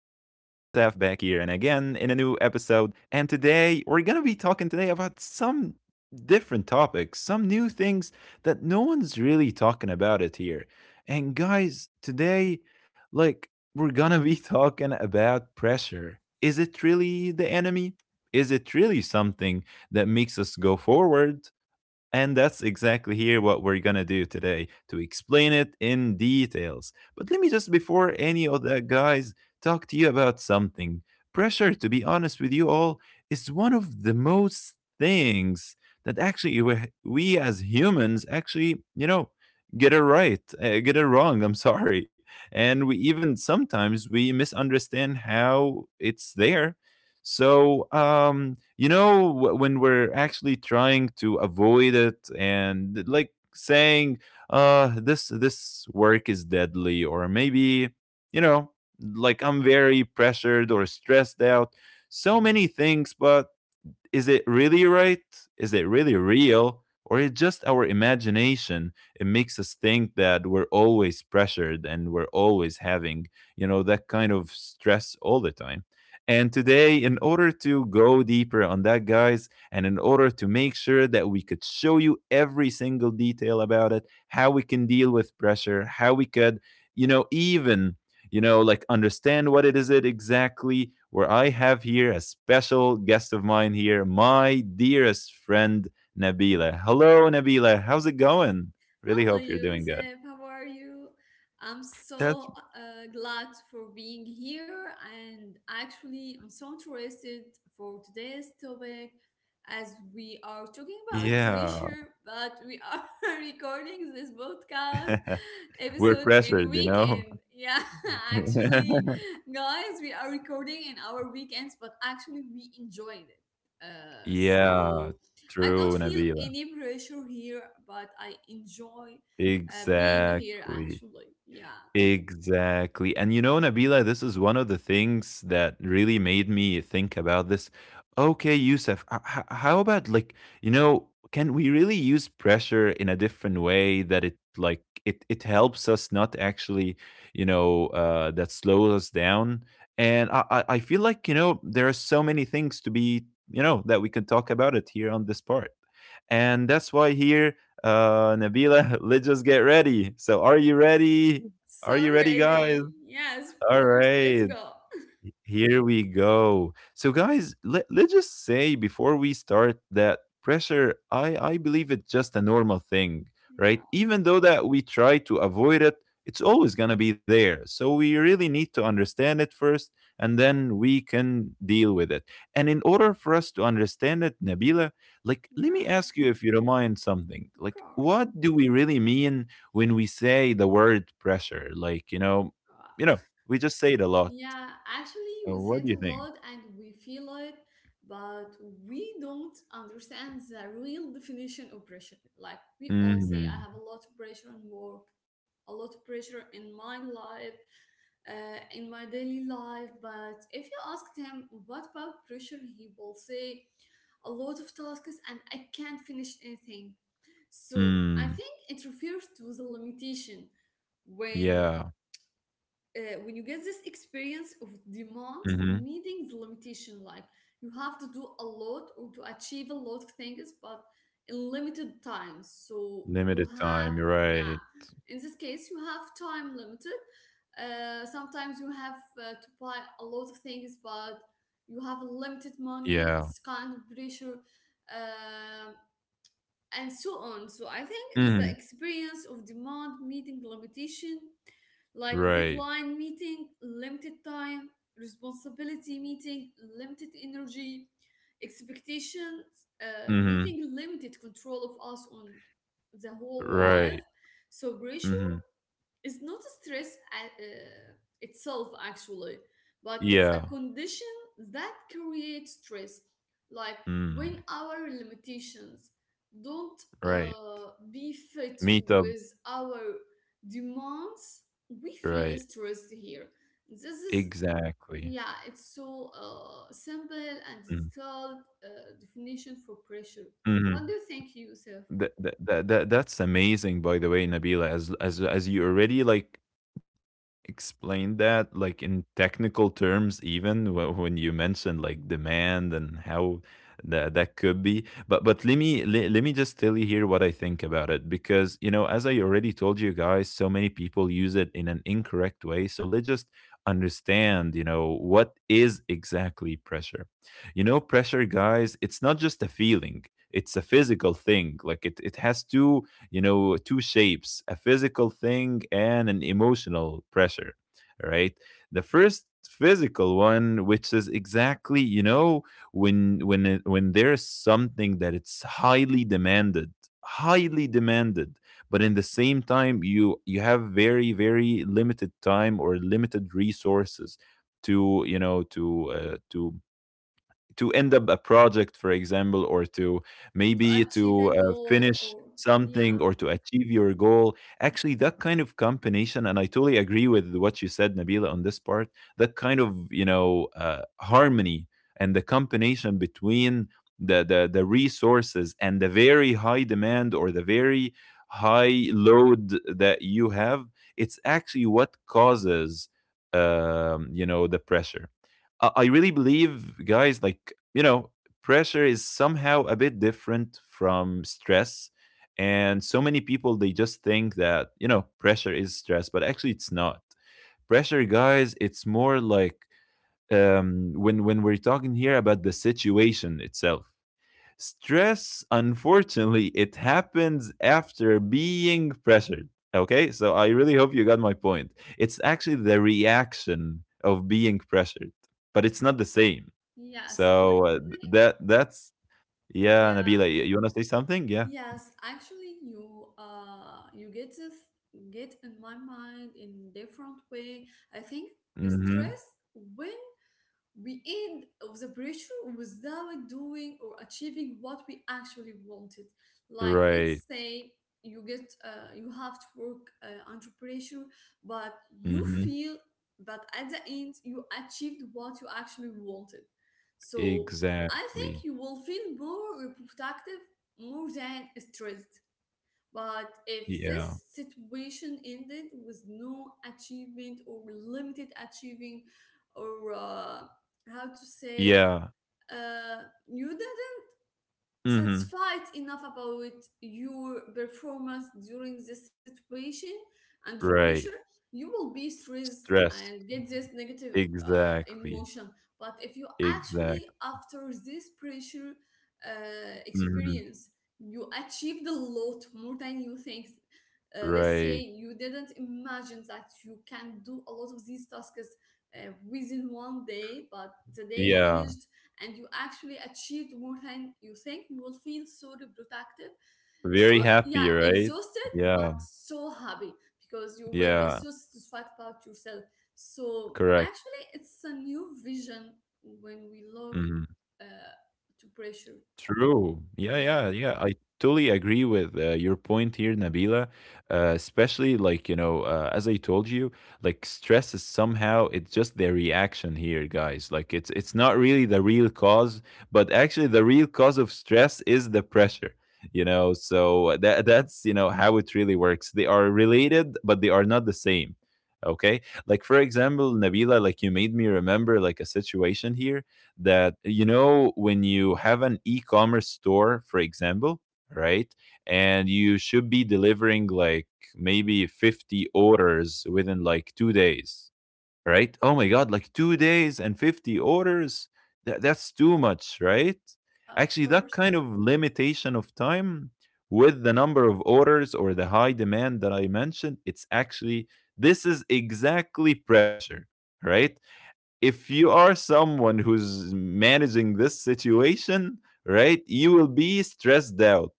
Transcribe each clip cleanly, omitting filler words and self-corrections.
and again in a new episode. And today we're going to be talking today about some different topics, some new things that no one's really talking about it here. And guys, today, like, we're going to be talking about pressure. Is it really the enemy? Is it really something that makes us go forward, and that's exactly here what we're gonna do today to explain it in details. But let me just, before any of that, guys, talk to you about something. Pressure, to be honest with you all, is one of the most things that actually we as humans actually, you know, get it right, get it wrong. I'm sorry. And we even sometimes we misunderstand how it's there. So, when we're actually trying to avoid it and like saying, this work is deadly, or maybe, you know, like I'm very pressured or stressed out, so many things. But is it really right? Is it really real? Or is just our imagination? It makes us think that we're always pressured and we're always having, you know, that kind of stress all the time. And today, in order to go deeper on that, guys, and in order to make sure that we could show you every single detail about it, how we can deal with pressure, how we could, you know, even, you know, like understand what it is it exactly. Where I have here a special guest of mine here, my dearest friend Nabila. Hello, Nabila. How's it going? Really Hello, hope you're doing good. Yusef. How are you? I'm That's so glad for being here, and actually, I'm so interested for today's topic as we are talking about yeah. pressure, but we are recording this podcast We're episode in pressured, you know. weekend. Yeah, actually, guys, we are recording in our weekends, but actually, we enjoyed it. Yeah, So. I don't true, feel Nabila. any pressure here, but I enjoy being here Exactly. actually. Yeah. Exactly. And you know, Nabila, this is one of the things that really made me think about this. Okay, Yusuf, how about like, you know, can we really use pressure in a different way that it like it helps us, not actually, you know, that slows us down? And I feel like, you know, there are so many things to be, you know, that we can talk about it here on this part. And that's why here, Nabila, let's just get ready. So are you ready? Are So you ready, guys? ready. Yes, of All course. Let's right. go. Here we go. So, guys, let's just say before we start that pressure, I believe it's just a normal thing, right? Yeah. Even though that we try to avoid it, it's always going to be there. So, we really need to understand it first, and then we can deal with it. And in order for us to understand it, Nabila, like, let me Yeah. ask you if you don't mind something. Of Like, course. what do we really mean when we say the word pressure? Like, you Uh, know, we just say it a lot. Yeah. Actually, we What said do a you think? lot and we feel it, but we don't understand the real definition of pressure. Like we all say, I have Mhm. a lot of pressure on work, a lot of pressure in my life, in my daily life. But if you ask him what about pressure, he will say a lot of tasks and I can't finish anything. So I Mm. think it refers to the limitation when Yeah. when you get this experience of demand Mhm. meeting the limitation, like you have to do a lot or to achieve a lot of things but in limited time, so you Limited have, time, yeah, right. in this case you have time limited, sometimes you have to buy a lot of things but you have limited money. Yeah. It's kind of pressure, um and so on. So I think it's the Mhm. experience of demand meeting limitation, like Right. deadline meeting, limited time, responsibility meeting, limited energy, expectations Mhm. meeting, limited control of us on the whole life. Right. So pressure, Mhm. it's not stress, itself actually, but it's a Yeah. condition that creates stress. Like when Mm. our limitations don't Right. Be fit Meet up. with our demands, we feel Right. stressed here. This is, Exactly. yeah, it's so simple and Mm. detailed definition for pressure. Mhm. What do you think, Yusuf? That's amazing, by the way, Nabila, as you already, like, explain that like in technical terms, even when you mentioned like demand and how that that could be. But let me let me just tell you here what I think about it, because, you know, as I already told you guys, so many people use it in an incorrect way. So let's just understand, you know, what is exactly pressure. You know, pressure, guys, it's not just a feeling, it's a physical thing. Like it has two, you know, two shapes: a physical thing and an emotional pressure, right? The first physical one, which is exactly, you know, when when there's something that it's highly demanded, highly demanded, but in the same time you have very very limited time or limited resources to, you know, to to end up a project, for example, or to To maybe achieve a to goal finish or, something yeah, or to achieve your goal. Actually, that kind of combination, and I totally agree with what you said, Nabila, on this part. That kind of, you know, harmony and the combination between the resources and the very high demand or the very high load that you have, it's actually what causes, you know, the pressure. I really believe, guys, like, you know, pressure is somehow a bit different from stress. And so many people, they just think that, you know, pressure is stress, but actually it's not. Pressure, guys, it's more like, when we're talking here about the situation itself. Stress, unfortunately, it happens after being pressured. Okay, so I really hope you got my point. It's actually the reaction of being pressured, but it's not the same. yes. So that that's yeah, Nabila, Yeah, you want to say something? Yeah. yes, actually you you get this, get in my mind in different way. I think Mm-hmm. stress when we end of the pressure without doing or achieving what we actually wanted, like let's Right. say you have to work under pressure, but you Mm-hmm. feel that at the end you achieved what you actually wanted. So I think Exactly. you will feel more productive more than stressed. But if this Yeah. situation ended with no achievement or limited achieving, or how to say it, Yeah. You did Mm-hmm. satisfied enough about your performance during this situation under Right. pressure, you will be stressed Stress. and get this negative Exactly. emotion. But if you actually, Exactly. after this pressure Mm-hmm. experience, you achieved a lot more than you think. Let's say Right. you didn't imagine that you can do a lot of these tasks within one day, but the day Yeah. finished and you actually achieved more than you think, you will feel so reproductive. So, Very yeah, happy, right? exhausted, but Yeah. so happy because you will be Yeah. so satisfied about yourself. So, Correct. actually, it's a new vision when we look Mhm. uh, to pressure. True. Yeah, yeah, Yeah, yeah. I totally agree with your point here, Nabila. Especially like, you know, as I told you, like stress is somehow it's just their reaction here, guys. Like it's not really the real cause, but actually the real cause of stress is the pressure. You know, so that that's, you know, how it really works. They are related, but they are not the same. Okay? Like for example, Nabila, like you made me remember like a situation here that, you know, when you have an e-commerce store, for example, right? And you should be delivering like maybe 50 orders within like 2 days, right? Oh my god, like 2 days and 50 orders, that's too much, right? Of Actually that course. kind of limitation of time with the number of orders or the high demand that I mentioned, it's actually, this is exactly pressure, right? If you are someone who's managing this situation, right, you will be stressed out.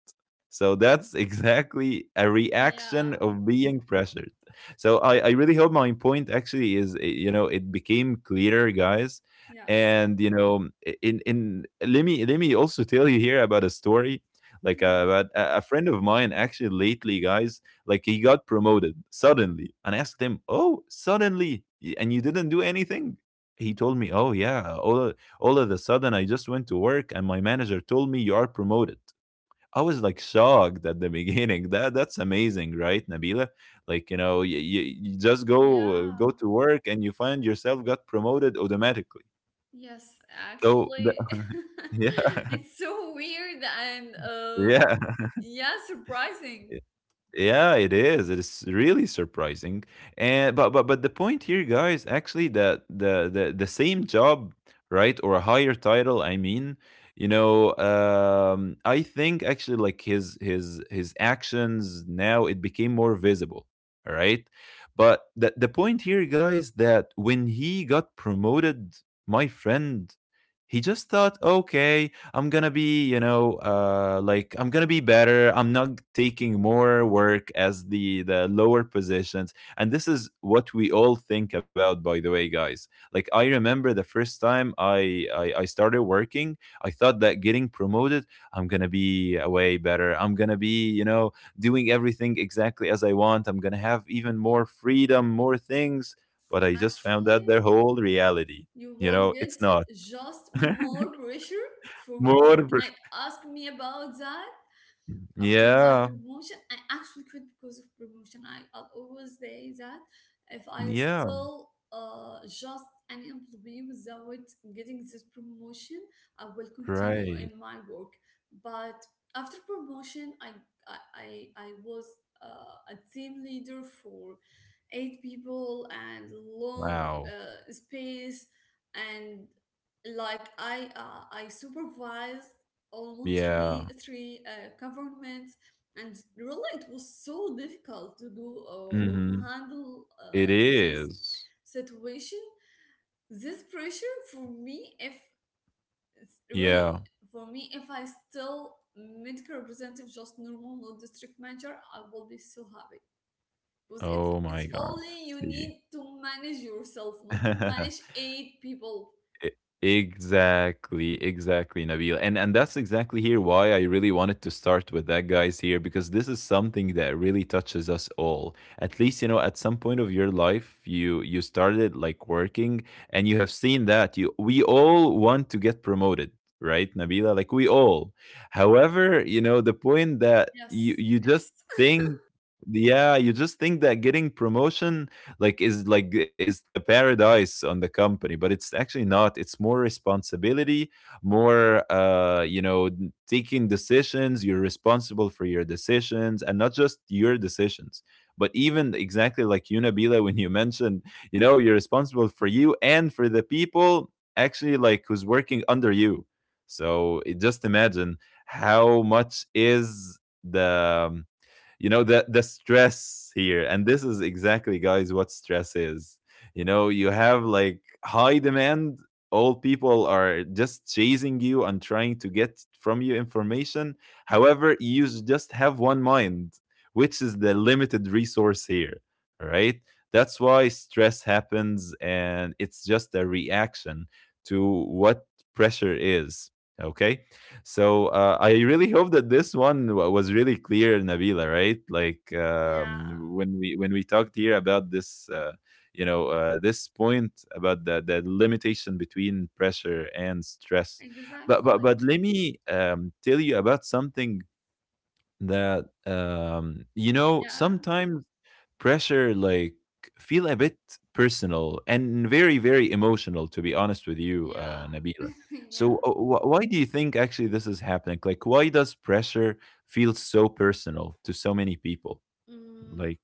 So that's exactly a reaction Yeah, of being pressured. So I really hope my point actually is you know, it became clearer, guys. yes. And you know, in let me also tell you here about a story like Yeah. about a friend of mine actually lately, guys. Like he got promoted suddenly, and I asked him, "Oh, suddenly, and you didn't do anything?" He told me, "Oh yeah, all of a sudden I just went to work, and my manager told me you are promoted." I was like shocked at the beginning. That that's amazing, right, Nabila? Like you know, you just go Yeah. to work and you find yourself got promoted automatically. Yes, So the, actually, yeah, it's so weird and, yeah, yeah, surprising. yeah, it is. It is really surprising. And but the point here, guys, actually that the same job, right, or a higher title, I mean, you know, I think actually like his actions now it became more visible. All right. But the point here, guys, that when he got promoted, my friend, he just thought, okay, I'm gonna be, you know, like I'm gonna be better. I'm not taking more work as the lower positions, and this is what we all think about. By the way, guys, like I remember the first time I started working, I thought that getting promoted, I'm gonna be way better. I'm gonna be, you know, doing everything exactly as I want. I'm gonna have even more freedom, more things. But I just found out their Actually, whole reality. you You will know, get it's not. just more pressure for More work. pres And ask me about that. After my Yeah, promotion, I actually quit because of promotion. I'll always say that if I yeah, still just an employee without getting this promotion, I will continue great. in my work. But after promotion, i I was a team leader for eight people and long, Wow. Space, and like I supervised almost Yeah, three governments, and really it was so difficult to do, or to mhm. handle, It this is. situation, this pressure. For me, if it's Yeah. really, for me if I still medical representative, just normal, not district manager, I will be so happy. Because it's Oh it's my god. only you See. need to manage yourself, not to manage eight people. E exactly, exactly, Nabil. And that's exactly here why I really wanted to start with that, guys, here, because this is something that really touches us all. At least, you know, at some point of your life, you started like working, and you have seen that you we all want to get promoted. Right, Nabila? Like we all. However, you know, the point that you Yes. you just Yes. think, yeah, you just think that getting promotion is the paradise on the company, but it's actually not. It's more responsibility, more, you know, taking decisions. You're responsible for your decisions and not just your decisions, but even exactly like you, Nabila, when you mentioned, you know, you're responsible for you and for the people, actually, like, who's working under you. So just imagine how much is the you know, the stress here. And this is exactly, guys, what stress is. You know, you have like high demand. All people are just chasing you and trying to get from you information. However, you just have one mind, which is the limited resource here, right? That's why stress happens, and it's just a reaction to what pressure is. Okay. So I really hope that this one was really clear, Nabila. Right? Like, Yeah. when we talked here about this, you know, this point about the limitation between pressure and stress. Exactly. But let me, tell you about something that, you know, Yeah. sometimes pressure, like, feel a bit personal and very very emotional, to be honest with you, Yeah. Nabila. So Yeah. Why do you think actually this is happening? Like, why does pressure feel so personal to so many people? Mm, Like,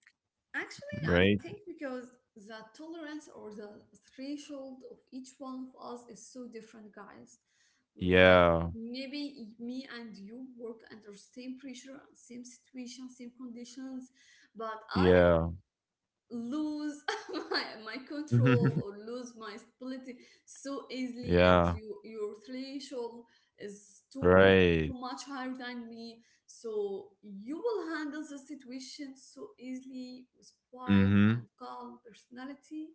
actually, I right, think because the tolerance or the threshold of each one of us is so different, guys. Like yeah, maybe me and you work under same pressure, same situation, same conditions, but I yeah, lose my control or lose my stability so easily. And yeah, you, your threshold is too, right, too much higher than me, so you will handle the situation so easily with quiet mm-hmm, and calm personality.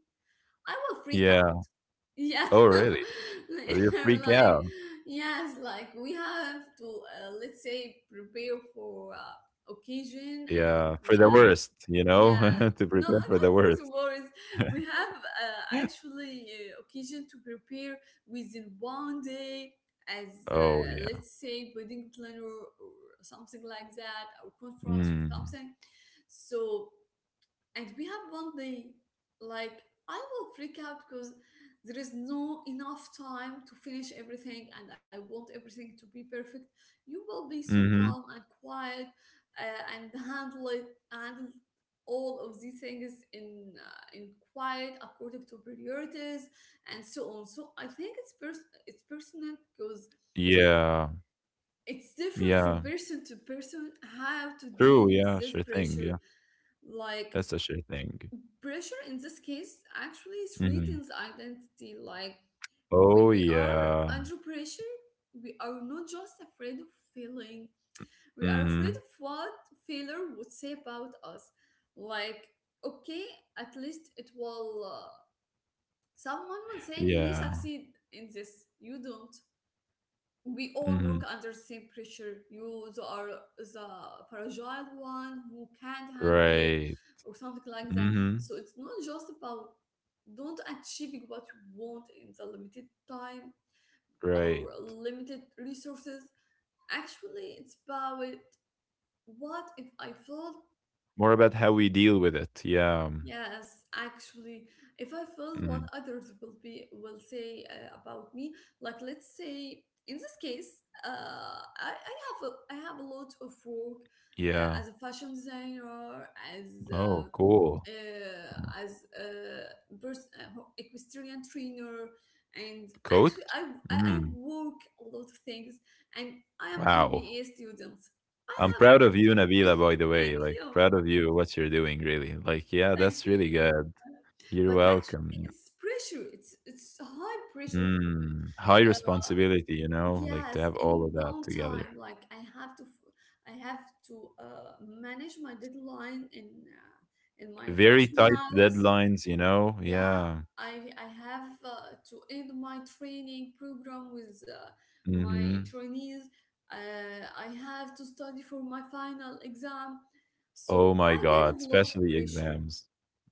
I will freak yeah, out. Yeah. oh really? Or like you freak like, out? yes, like we have to, let's say, prepare for occasion. And Yeah, for we the have, worst, you yeah, know. To no, prepare for not the for the worst. worries. We have, actually, occasion to prepare within one day, as, Oh yeah. let's say, wedding planner or something like that, or conference or Mm. something. So, and we have one day, like I will freak out because there is no enough time to finish everything and I want everything to be perfect. You will be so Mm-hmm. calm and quiet, and handle it, handle all of these things in quiet according to priorities and so on. So I think it's personal because Yeah, it's different yeah. from person to person how to deal True, with yeah, this sure thing, pressure. yeah. Like, That's a sure thing. pressure in this case actually Mhm. threatens identity. Like Oh, when we are yeah. under pressure, we are not just afraid of failing, we are afraid of Mhm. what failure would say about us. Like, okay, at least it will, someone will say he Yeah. succeed in this, you don't. We all work Mhm. under the same pressure. You the are the fragile one who can't handle it Right. or something like that. So Mhm. it's not just about don't achieving what you want in the limited time or Right. limited resources. Actually, it's about what if I felt. More about how we deal with it, yeah. Yes, actually, if I felt what Mhm. others will say, about me, like let's say in this case, I have a lot of work as Yeah. a fashion designer, as uh, Oh, cool. Yeah. as equestrian trainer, and actually Coach? I Mm. work a lot of things, and I am MBA Wow. student. I I'm have proud of you, Nabila, by the Thank way. Like, you, proud of you, what you're doing, really. Like, yeah, thank that's really you. good. You're But actually welcome. it's pressure, it's high pressure. Mm, high uh, responsibility, you know, like to yes, have all in of long that together. time, like I have to manage my deadline in, uh, in my Very fashion tight house. deadlines, you know? Yeah Yeah. I have to end my training program with, my Hmm. trainees. I have to study for my final exam. Oh So my I get God, a lot of especially pressure. exams.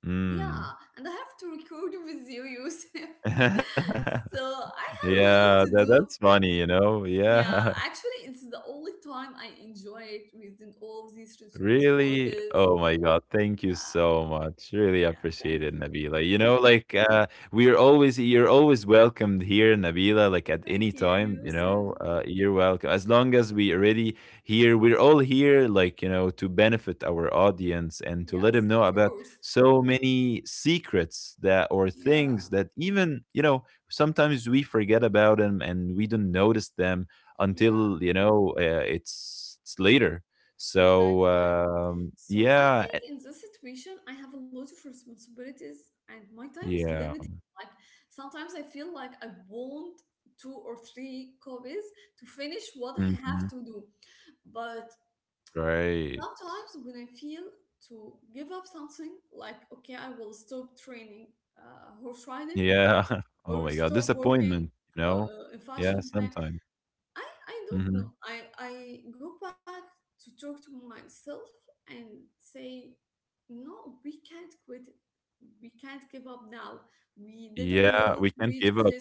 Mm. Yeah, and I have to record with you, Yusuf. So I have a lot Yeah, to do. that's funny, you know? Yeah, Yeah. actually, it's the only time I enjoy it within all of these Really? responsibilities. Oh my God. Thank you Yeah, so much. Really yeah, appreciate thank it, you. Nabila. You know, like, we're always, you're always welcomed here, Nabila, like at any Thank you, time, you Yusuf. know. You're welcome. As long as we already here, we're all here, like, you know, to benefit our audience and to let Yes, them know of about course. so many secrets that, or Yeah, things that, even, you know, sometimes we forget about them and we don't notice them yeah. until, you know, it's later. So, Exactly. So I yeah, think in this situation, I have a lot of responsibilities and my time is yeah, limited. Like, sometimes I feel like I want two or three copies to finish what I have mhm, to do. But right, sometimes when I feel to give up something, like, okay, I will stop training, horse riding, yeah. Oh or my God, stop working, disappointment, you know? In Yeah, fashion design, sometimes. I don't know. Mhm. I go back to talk to myself and say, no, we can't quit it. We can't give up now. We did a lot Yeah, to we reach can't give this. up.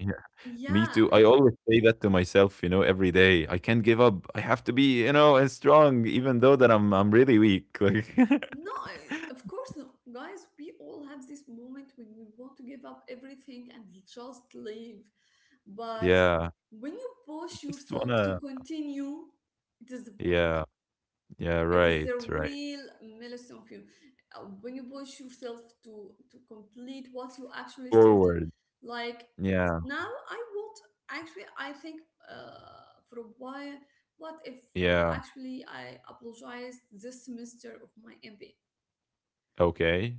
Yeah, Yeah, me too. I always say that to myself, you know, every day. I can't give up. I have to be, you know, strong, even though that I'm really weak. Like, no, I- of course not, guys. We all have this moment when we want to give up everything and just leave. But yeah, when you I push just yourself to wanna. continue, it is the point. Yeah, yeah, It is right, the right. real milestone for you. When you push yourself to complete what you actually started, Forward. like, Yeah, now I want, actually I think, for a while, what if, yeah. actually, I apologized this semester of my MBA? Okay.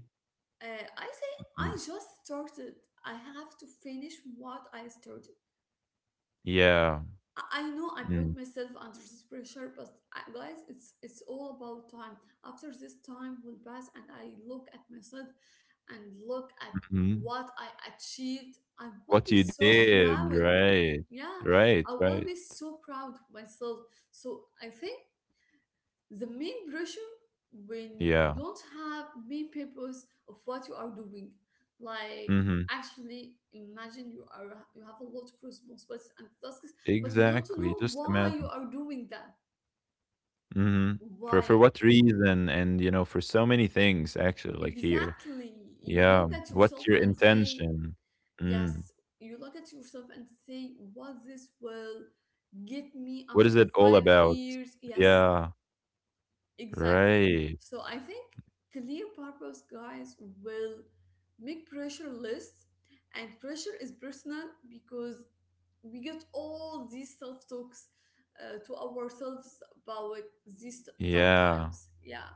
I say Mm. I just started. I have to finish what I started. Yeah. I know I Mm. put myself under this pressure, but, guys, it's all about time. After this time will pass, and I look at myself and look at Mhm. what I achieved, I will What be you so did, proud of right. yeah, Right, I will right. be so proud of myself. So I think the main pressure when you Yeah. don't have main purpose of what you are doing, like, Mhm. actually imagine you have a lot of responsibilities and tasks but you don't Exactly, know just why you imagine. are doing that, Mhm. For why for what reason, and, you know, for so many things actually, like, here. exactly. You Yeah. look at What's yourself your and say, intention? Mm. yes, you look at yourself and say what this will get me What is after it all five about? years Yes. Yeah. Exactly. Right. So I think clear purpose, guys, will make pressure less, and pressure is personal because we get all these self talks, to ourselves about these tough Yeah. times. Yeah.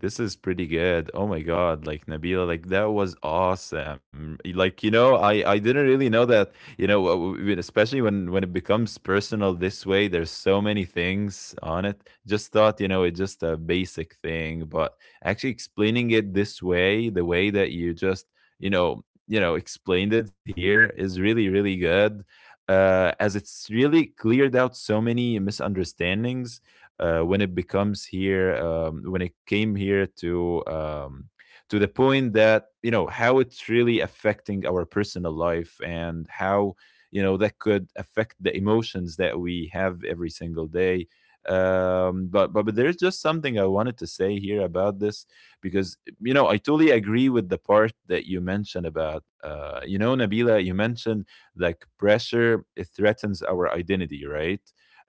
This is pretty good. Oh my god, like, Nabila, like that was awesome. Like, you know, I didn't really know that. You know, especially when it becomes personal this way, there's so many things on it. Just thought, you know, it's just a basic thing, but actually explaining it this way, the way that you just, you know, explained it here is really really good. As it's really cleared out so many misunderstandings, when it becomes here, when it came here to, to the point that, you know, how it's really affecting our personal life, and how, you know, that could affect the emotions that we have every single day. But, but there's just something I wanted to say here about this, because, you know, I totally agree with the part that you mentioned about, you know, nabila, you mentioned like pressure, it threatens our identity, right?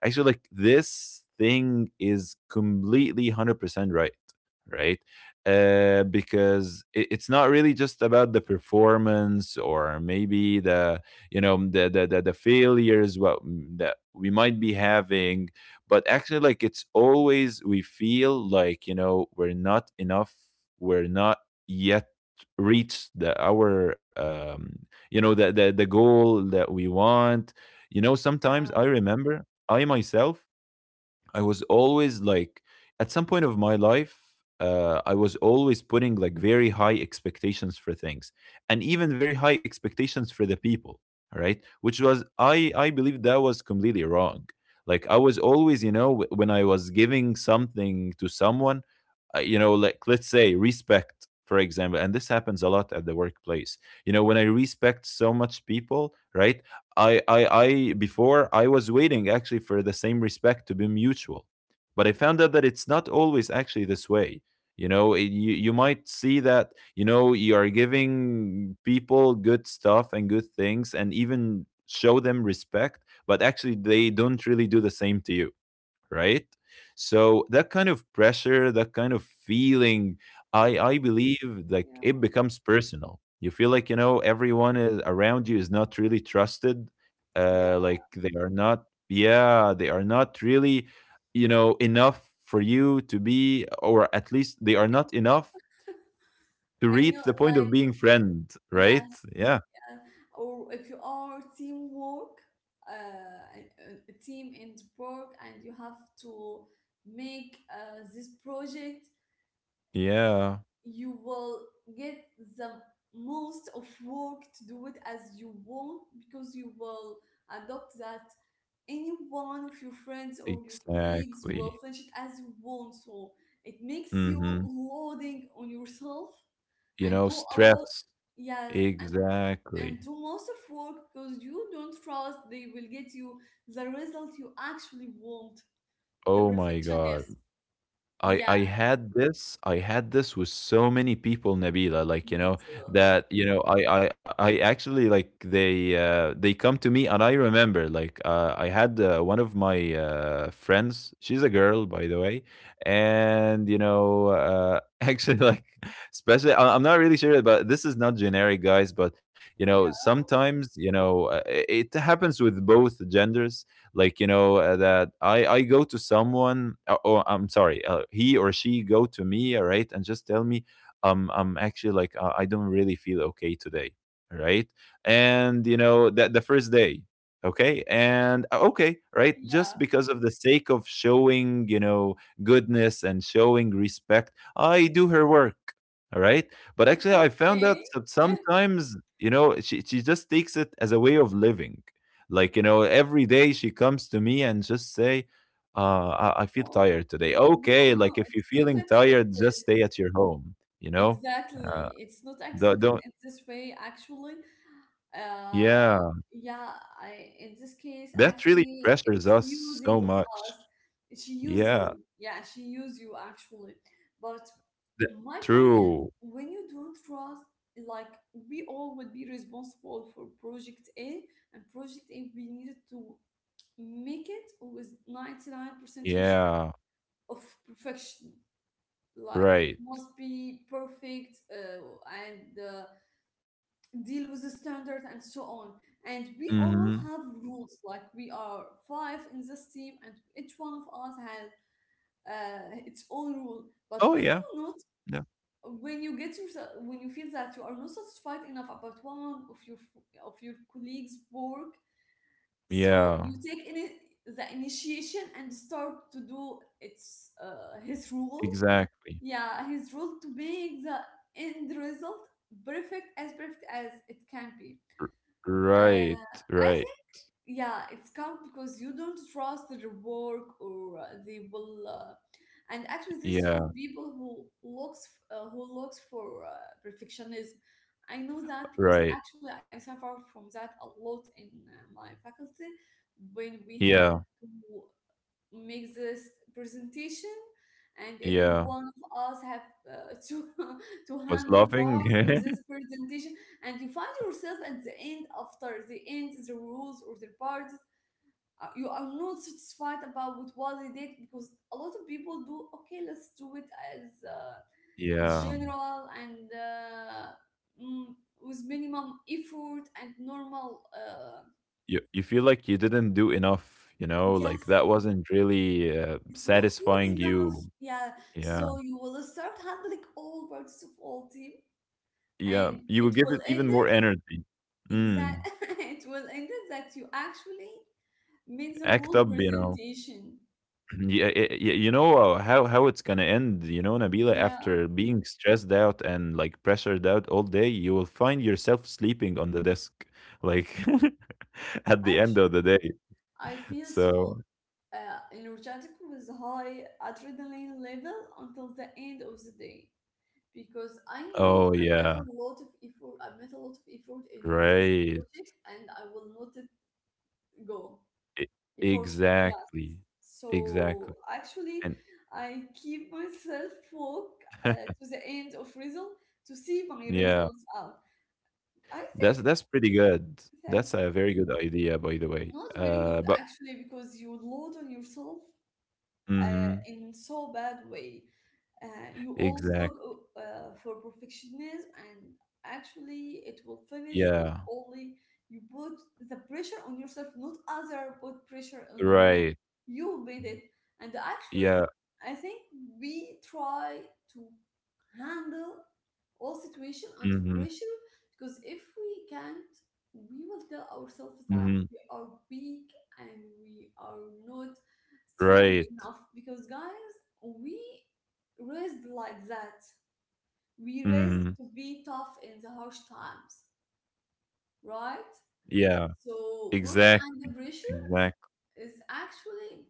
Actually, like this thing is completely 100% right. Right. Because it's not really just about the performance, or maybe the, you know, the failures, what that we might be having. But actually, like, it's always we feel like, you know, we're not enough. We're not yet reached the our you know, the goal that we want. You know, sometimes I Yeah. remember, I myself, I was always like, at some point of my life, I was always putting like very high expectations for things, and even very high expectations for the people. All right, which was, I believe that was completely wrong. Like, I was always, you know, when I was giving something to someone, you know, like, let's say respect, for example, and this happens a lot at the workplace. You know, when I respect so much people, right? Before, I was waiting actually for the same respect to be mutual, but I found out that it's not always actually this way. You know, you, you might see that, you know, you are giving people good stuff and good things, and even show them respect, but actually they don't really do the same to you, right? So that kind of pressure, that kind of feeling, i Yes. i believe, like Yeah. it becomes personal. You feel like, you know, everyone is, around you is not really trusted. Yeah. Like they are not, yeah, they are not really, you know, enough for you to be, or at least they are not enough to I know. reach the point Like, of being friend, yes. right? Yeah, Uh, or if you are teamwork, uh, and a team in the work, and you have to make, this project, yeah, you will get the most of work to do it as you want because you will adopt that any one of your friends or your colleagues will exactly, finish it as you want. So it makes you mm-hmm. loading on yourself You and know, do a lot. stress. Yes, and, Exactly. and do most of work because you don't trust they will get you the result you actually want. The Oh my God. perfectionist. I Yeah, I had this I had this with so many people, Nabila, like, you me know, too. that, you know, I actually, like, they come to me, and I remember like, I had, one of my friends, she's a girl, by the way, and you know, actually, like, especially I'm not really sure, but this is not generic, guys, but you know, Yeah, sometimes, you know, it it happens with both genders, like, you know, that I go to someone, or I'm sorry, he or she go to me, all right, and just tell me, I'm actually like, I don't really feel okay today, all right? And you know that the first day, okay, and okay, right, just yeah. because of the sake of showing, you know, goodness and showing respect, I do her work, all right? But actually, I found out Okay. that Yeah. sometimes, you know, she just takes it as a way of living, like, you know, every day she comes to me and just say, uh I feel Wow. tired today. No, Okay, no, like, if it's you're not feeling tired, just accepted. stay at your home, you know. uh Exactly. It's not don't, accepted don't in this way, actually. Uh, yeah, yeah, I in this case, that really actually, pressures it's us so using of us. much. She use Yeah. you. Yeah, she use you actually. But th- my point, true, when you don't trust, like we all would be responsible for project A, and project A we needed to make it with 99 percentage yeah, of perfection, like it right. must be perfect and deal with the standard and so on, and we all Hmm. have rules like we are five in this team, and each one of us has its own rule, but Oh when yeah. you not Yeah, when you get yourself when you feel that you are not satisfied enough about one of your colleagues work, so yeah, you take in the initiation and start to do its his rule, exactly. yeah, his role to make the end result perfect, as perfect as it can be. Right, Uh, I right. think, yeah, it's come because you don't trust their work or they will. And actually, this is Yeah. for people who looks for perfectionism. I know that because Right. actually I suffered from that a lot in my faculty when we had Yeah, to makes this presentation, and every yeah, one of us have to to was handle loving. part of this presentation, and you find yourself at the end, after the end the rules or the parts, you are not satisfied about with what they did because a lot of people do, okay, let's do it as Yeah. general and mm, with minimum effort and normal You feel like you didn't do enough, you know, yes. like that wasn't really, It's not good satisfying enough. you. Yeah. Yeah, So you will start handling all parts of all team, yeah, and you will it give will it end even more it, energy. Mm. exact it will end it that you actually made the Act whole up, you know. presentation. Yeah, you know, how it's gonna end. You know, Nabila, Yeah. after being stressed out and like pressured out all day, you will find yourself sleeping on the desk, like at the end Actually, of the day. I feel so So, energetic with high adrenaline level until the end of the day, because I know oh I did a yeah, lot of effort. I made a lot of effort in this right, project and I will not let go. E- Effort, yeah. exactly, So exactly, actually, and I keep myself woke to the end of result, to see my yeah, results out. I think, that's pretty good. thank That's you. a very good idea, by the way. Not very good but, actually, because you load on yourself uh, mm-hmm, in so bad way. You always look exact. For perfectionism, and actually, it will finish with Yeah, only you put the pressure on yourself, not other put pressure on you. right. You made it, and actually, Yeah. I think we try to handle all situation under Mm-hmm, pressure, because if we can't, we will tell ourselves that mm-hmm, we are weak and we are not strong right. enough, because guys, we raised like that. We raised Mm-hmm. to be tough in the harsh times, right? Yeah, So working exactly. under pressure Exactly. is actually,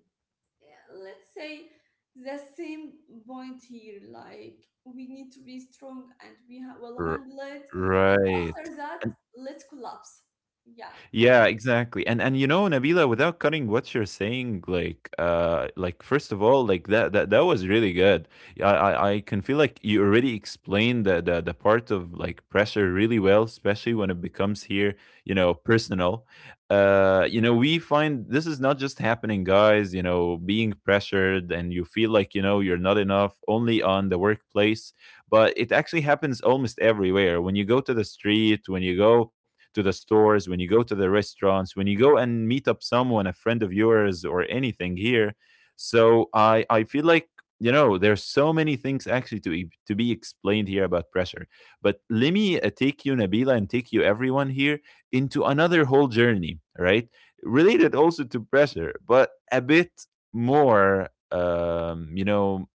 yeah, let's say, the same point here. Like we need to be strong and we will handle it. And Right. after that, let's collapse. Yeah. Yeah, exactly. And you know, Nabila, without cutting what you're saying, like, like first of all, like that was really good. Yeah, I can feel like you already explained the part of like pressure really well, especially when it becomes here, you know, personal. You know, we find this is not just happening, guys, you know, being pressured and you feel like, you know, you're not enough only on the workplace, but it actually happens almost everywhere. When you go to the street, when you go to the stores, when you go to the restaurants, when you go and meet up someone, a friend of yours, or anything here. So I feel like, you know, there's so many things actually to to be explained here about pressure. But let me, take you, Nabila, and take you everyone here into another whole journey, right? Related also to pressure, but a bit more, you know,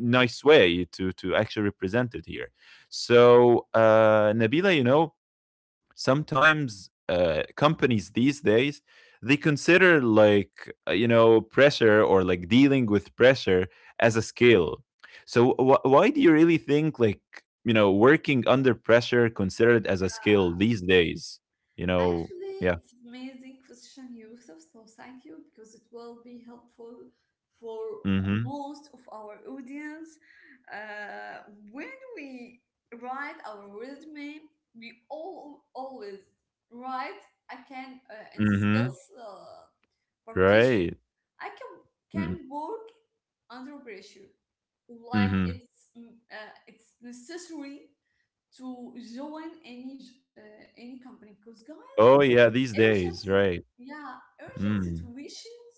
nice way to actually represent it here. So nabila, you know, sometimes, companies these days, they consider like, you know, pressure, or like dealing with pressure, as a skill. So why do you really think like, you know, working under pressure considered as a skill these days, you know? Actually, Yeah, it's amazing question Yusuf, so thank you, because it will be helpful for mm-hmm, most of our audience. Uh, when we write our resume, we all always write I can in the mm-hmm, skills partition. right, I can mm, can work under pressure, like mm-hmm, it's it's necessary to join any company, because guys, oh yeah, these Urgent, days, sit- right, yeah, urgent mm, situations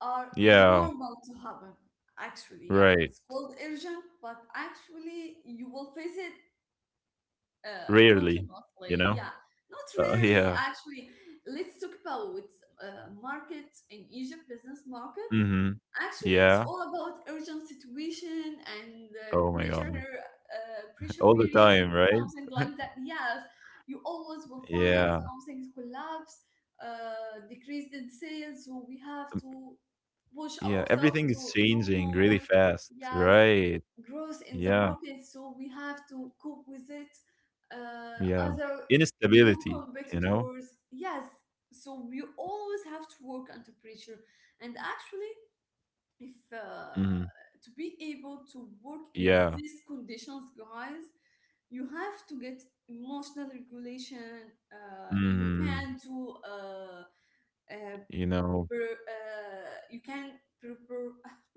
are yeah, normal to happen. Actually, yeah, right, it's called urgent, but actually you will face it rarely, you continuously. know, Yeah, not rarely. yeah, Actually, let's talk about market in Egypt, business market. mm-hmm, Actually, it's yeah, all about urgent situation and oh my god. Pressure All the period, time, right? something like that. Yes, you always will find Yeah. something collapse, decreased in sales, so we have Um, to push yeah, ourselves everything is to do changing really more. fast, Yes, right? growth in the Yeah, market, so we have to cope with it. Yeah. Other new Instability, you know? competitors, yes. So we always have to work under pressure, and actually, if Hmm. To be able to work in Yeah. these conditions, guys, you have to get emotional regulation. Hmm. Uh, You know, you can pr- pr-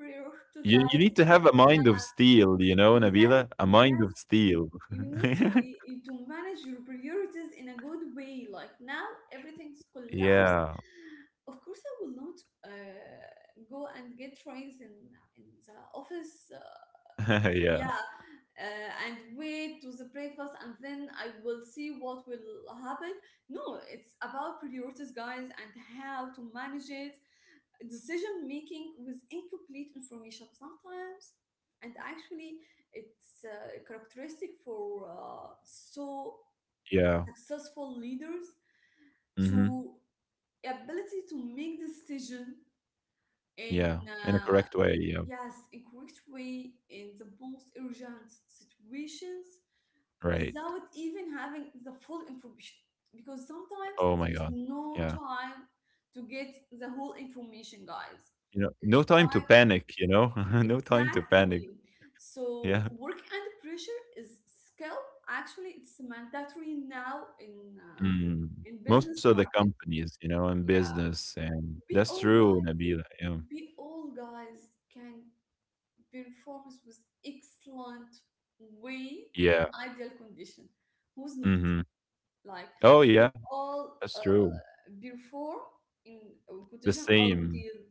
you prioritize. need to have a mind Yeah, of steel, you know, exactly. Nabila? A mind Yes, of steel. you need to to manage your priorities in a good way. Like now everything's collapsed, Yeah. of course I will not uh, go and get trains in the office. Yeah. Yeah, and wait to the breakfast, and then I will see what will happen. No, it's about priorities, guys, and how to manage it. Decision making with incomplete information sometimes, and actually, it's characteristic for so Yeah. successful leaders Hmm. to ability to make decision in Yeah. In a correct way. Yeah. yes, in correct way in the most urgent situations Right. without even having the full information, because sometimes Oh my there is God. no Yeah. time to get the whole information, guys, You know, no it's time to time, panic, you know? No time to panic. exactly. So Yeah. work under pressure is skill, actually it's mandatory now Mm. in Most business of the market. companies, you know, in Yeah, business, and we that's all guys true, Nabila. Yeah. we all guys can perform with excellent way in Yeah. ideal condition. Who's not? Mhm. Like Oh, we yeah. all That's true. before in The conditions are same. ideal.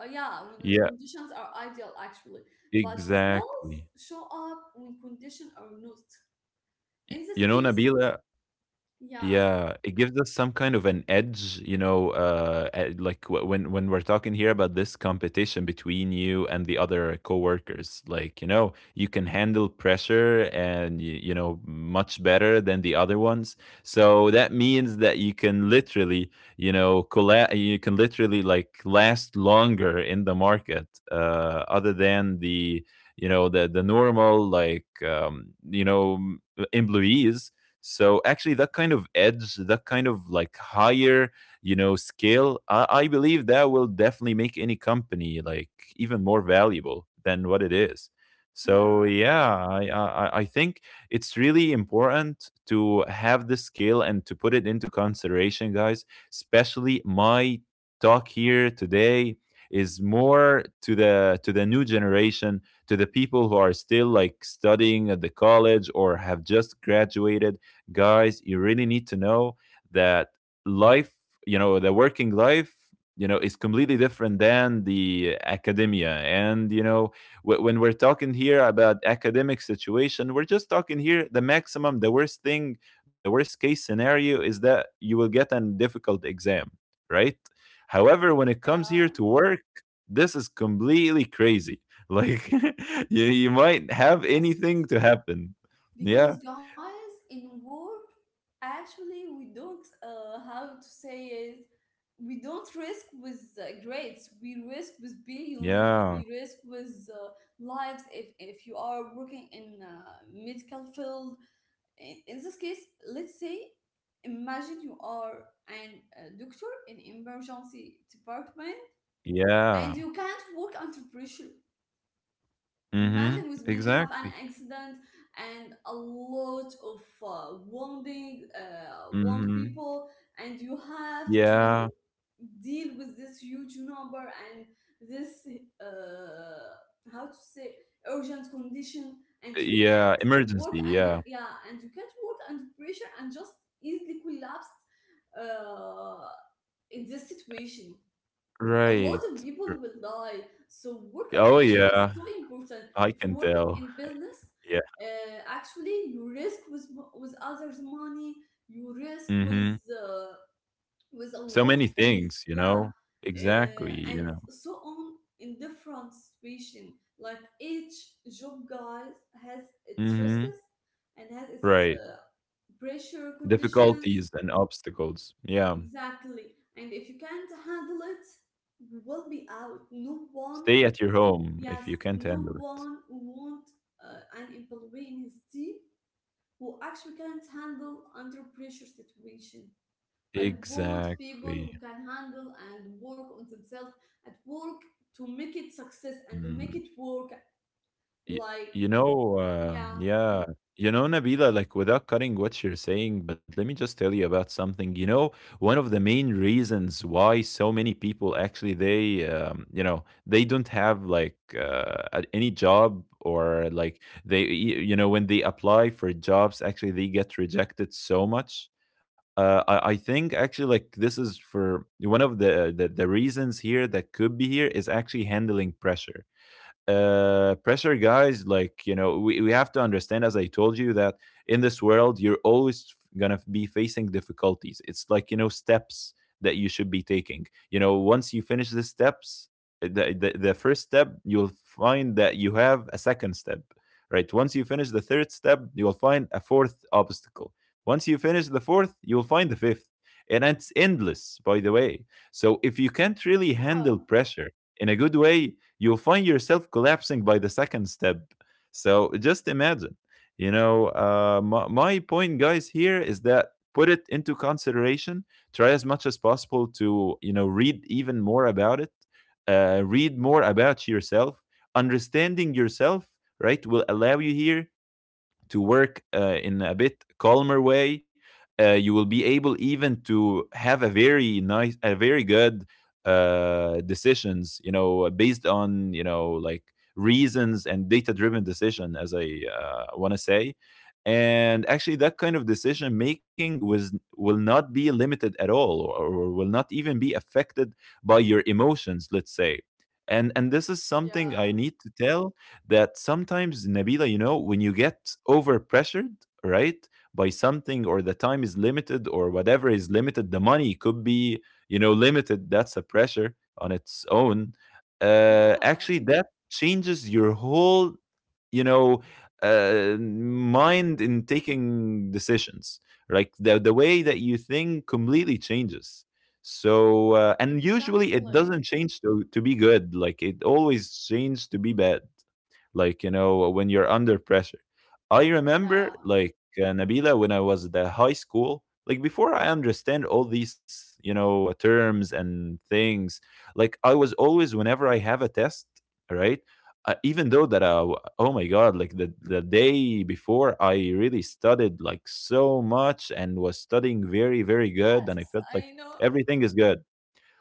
Yeah, when Yeah, conditions are ideal actually, but skills exactly. show up when conditions are not. In this You know, case, Nabila, yeah, yeah, it gives us some kind of an edge, you know, like when we're talking here about this competition between you and the other coworkers, like, you know, you can handle pressure and you know much better than the other ones. So that means that you can literally, you know, you can literally like last longer in the market, other than you know, the normal like you know employees. So actually, that kind of edge, that kind of like higher, you know, scale, I believe that will definitely make any company like even more valuable than what it is. So yeah, yeah, I think it's really important to have the scale and to put it into consideration, guys. Especially my talk here today is more to the new generation, to the people who are still like studying at the college or have just graduated. Guys, you really need to know that life, you know, the working life, you know, is completely different than the academia. And, you know, when we're talking here about academic situation, we're just talking here the maximum, the worst thing, the worst case scenario is that you will get a difficult exam, right? However, when it comes here to yeah. work, this is completely crazy. Like you might have Yes, anything to happen. Yeah. because guys, in work, actually we don't how to say it, we don't risk with grades, we risk with billions, Yeah. we risk with lives, if you are working in medical field, in this case, let's say, imagine you are an doctor in emergency department Yeah. and you can't work under pressure. Mhm. Imagine with me you have an Exactly. accident and a lot of wound Mhm. people, and you have to Yeah. deal with this huge number and this uh, how to say urgent condition, and Yeah. Emergency. Yeah. You can't work under pressure and just easily collapse uh, in this situation, a lot of Right. people R. will die. So work under Oh, pressure is yeah. so important. I If you can work tell. in business, Yeah. Actually you risk with others' money. You risk Mhm. uh, with a So lot many of things. things, you Yeah, know? Exactly, and you know? so on in different situation. Like each job, guys, has its Mhm. risks and has its Right. Pressure conditions. Difficulties and obstacles. Yeah. Exactly. And if you can't handle it, we will be out. No one, Stay at your home yes, if you can't no handle it. one want an employee in his team who actually can't handle under pressure situation. I want people Exactly. who can handle and work on themselves at work to make it success and to make Mm. it work. Y Like, You know, yeah, yeah, you know, Nabila, like without cutting what you're saying, but let me just tell you about something. You know, one of the main reasons why so many people actually you know, they don't have like any job or like you know, when they apply for jobs, actually they get rejected so much. I think actually like this is for one of the reasons here that could be here is actually handling pressure, pressure guys, like you know we have to understand, as I told you, that in this world you're always gonna be facing difficulties. It's like, you know, steps that you should be taking. You know, once you finish the steps, the first step, you'll find that you have a second step, right? Once you finish the third step, you'll find a fourth obstacle. Once you finish the fourth, you'll find the fifth. And it's endless, by the way. So if you can't really handle pressure in a good way, you'll find yourself collapsing by the second step. So just imagine, you know, my point, guys, here is that put it into consideration. Try as much as possible to, you know, read even more about it, read more about yourself. Understanding yourself, right, will allow you here to work in a bit calmer way. You will be able even to have a very nice, a very good decisions. You know, based on you know like reasons and data-driven decision, as I want to say. And actually, that kind of decision making was will not be limited at all, or will not even be affected by your emotions. Let's say, and this is something I yeah, need to tell that sometimes, Nabila, you know, when you get overpressured, right, by something, or the time is limited, or whatever is limited, the money could be, you know, limited. That's a pressure on its own. Yeah, Actually, that changes your whole, you know, mind in taking decisions. Like the way that you think completely changes. So, and usually it exactly. doesn't change to be good. Like it always changes to be bad. Like you know, when you're under pressure, I remember Yeah, like Nabila, when I was at the high school, like before I understand all these, you know, terms and things, like I was always, whenever I have a test, right, even though that oh my god, like the day before I really studied like so much and was studying very very yes, good and I felt I like know. everything is good.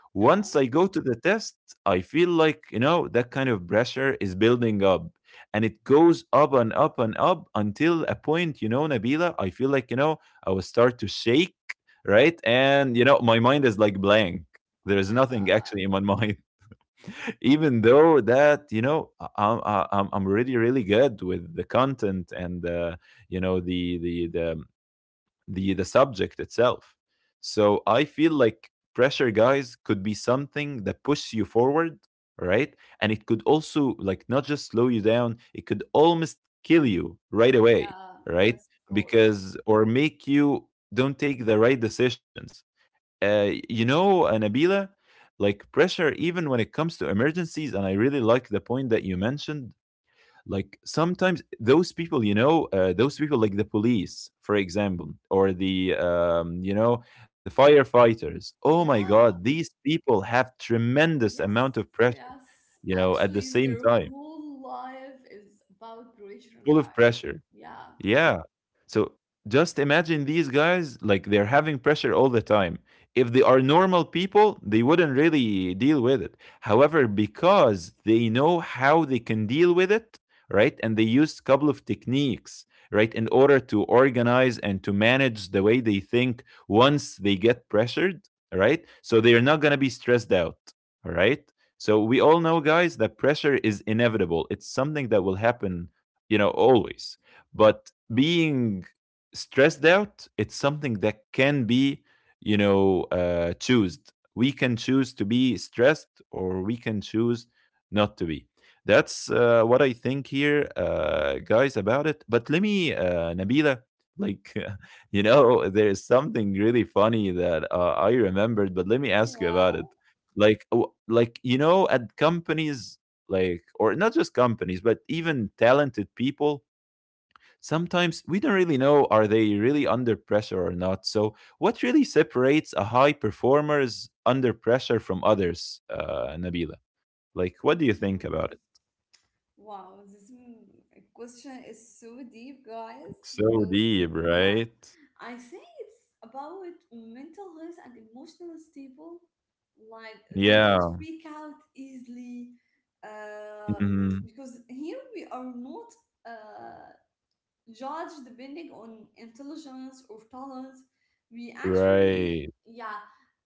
Yeah. Once I go to the test, I feel like, you know, that kind of pressure is building up and it goes up and up and up until a point, you know, Nabila, I feel like, you know, I will start to shake, right? And, you know, my mind is like blank. Oh There's my nothing actually God. in my mind, even though that you know I'm really really good with the content and you know the subject itself. So I feel like pressure, guys, could be something that pushes you forward, right? And it could also like not just slow you down, it could almost kill you right away, Yeah, right? yes, of course. Because or make you don't take the right decisions. You know, Nabila, like pressure, even when it comes to emergencies, and I really like the point that you mentioned. Like sometimes those people you know those people like the police, for example, or the you know, the firefighters. Oh my Yeah, god, these people have tremendous yes, amount of pressure, yes. you know, at the Actually, same their time, whole life is about pressure, full of guys. pressure, Yeah, yeah. So just imagine these guys, like they're having pressure all the time. If they are normal people, they wouldn't really deal with it. However, because they know how they can deal with it, right? And they used a couple of techniques, right, in order to organize and to manage the way they think once they get pressured, right? So they're not going to be stressed out, all right? So we all know, guys, that pressure is inevitable. It's something that will happen, you know, always. But being stressed out, it's something that can be, you know, choosed. We can choose to be stressed or we can choose not to be. That's what I think here, guys, about it. But let me, Nabila, like, you know, there's something really funny that I remembered, but let me ask you about yeah. it. Like, like you know, at companies, like, or not just companies, but even talented people, sometimes we don't really know, are they really under pressure or not? So what really separates a high performers under pressure from others, uh, Nabila? Like, what do you think Mm. about it? Wow, this question is so deep, guys, So because, deep, yeah, right? I think it's about mental health and emotional stable. Like, they don't Yeah. freak out easily. Uh, Mhm. because here we are not. Uh, judge depending on intelligence or talent. We actually, Right. yeah,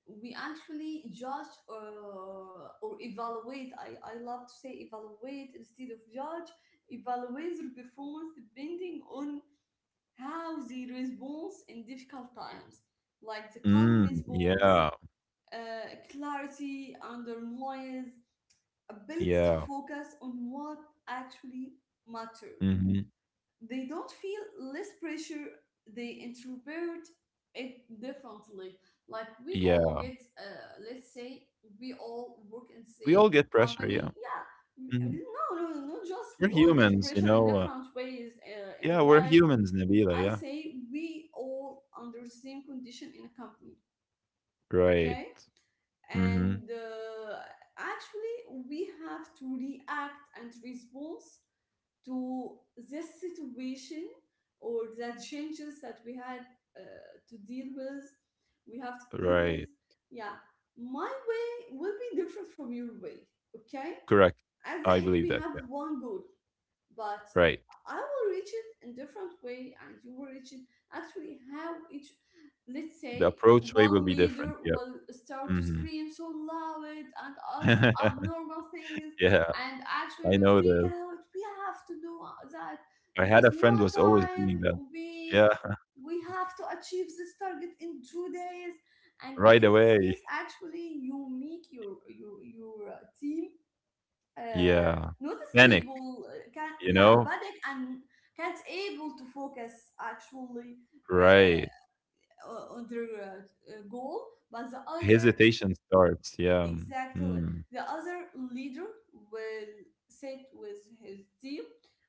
we actually judge or evaluate. I love to say evaluate instead of judge. Evaluate their performance depending on how they respond in difficult times, like the calm Mm, response, yeah. Clarity under noise, ability to Yeah. focus on what actually matters. Hmm. They don't feel less pressure, they introvert it differently. Like we all Yeah. get let's say we all work in We all same get pressure, yeah. company, yeah. Hmm. No no no, not just We're we all get humans, you pressure in know, different ways in yeah, we're life. humans, Nabila, I yeah. say we all under same condition in a company, okay, Right. Hmm. and actually we have to react and respond to this situation or the changes that we had to deal with, we have to deal Right. with. Yeah, my way will be different from your way. Okay. Correct. At the I end, believe we that, have yeah. one goal, but Right. I will reach it in different way, and you will reach it actually how each. Let's The say approach way will one be leader different. Yep. will start to Mhm. scream so loud and ask abnormal things, Yeah, and actually I we know freak this. out. We have to do that. I There had is a no friend was always doing time. that. Yeah, We we have to achieve this target in 2 days. And right in this case, away. actually, you make your team uh, Yeah. not Panic, stable, uh, can you yeah know? panic and can't able to focus actually uh, Right. on their goal. But the other, Hesitation starts. Yeah. Exactly, Mm. the other leader will sit with his team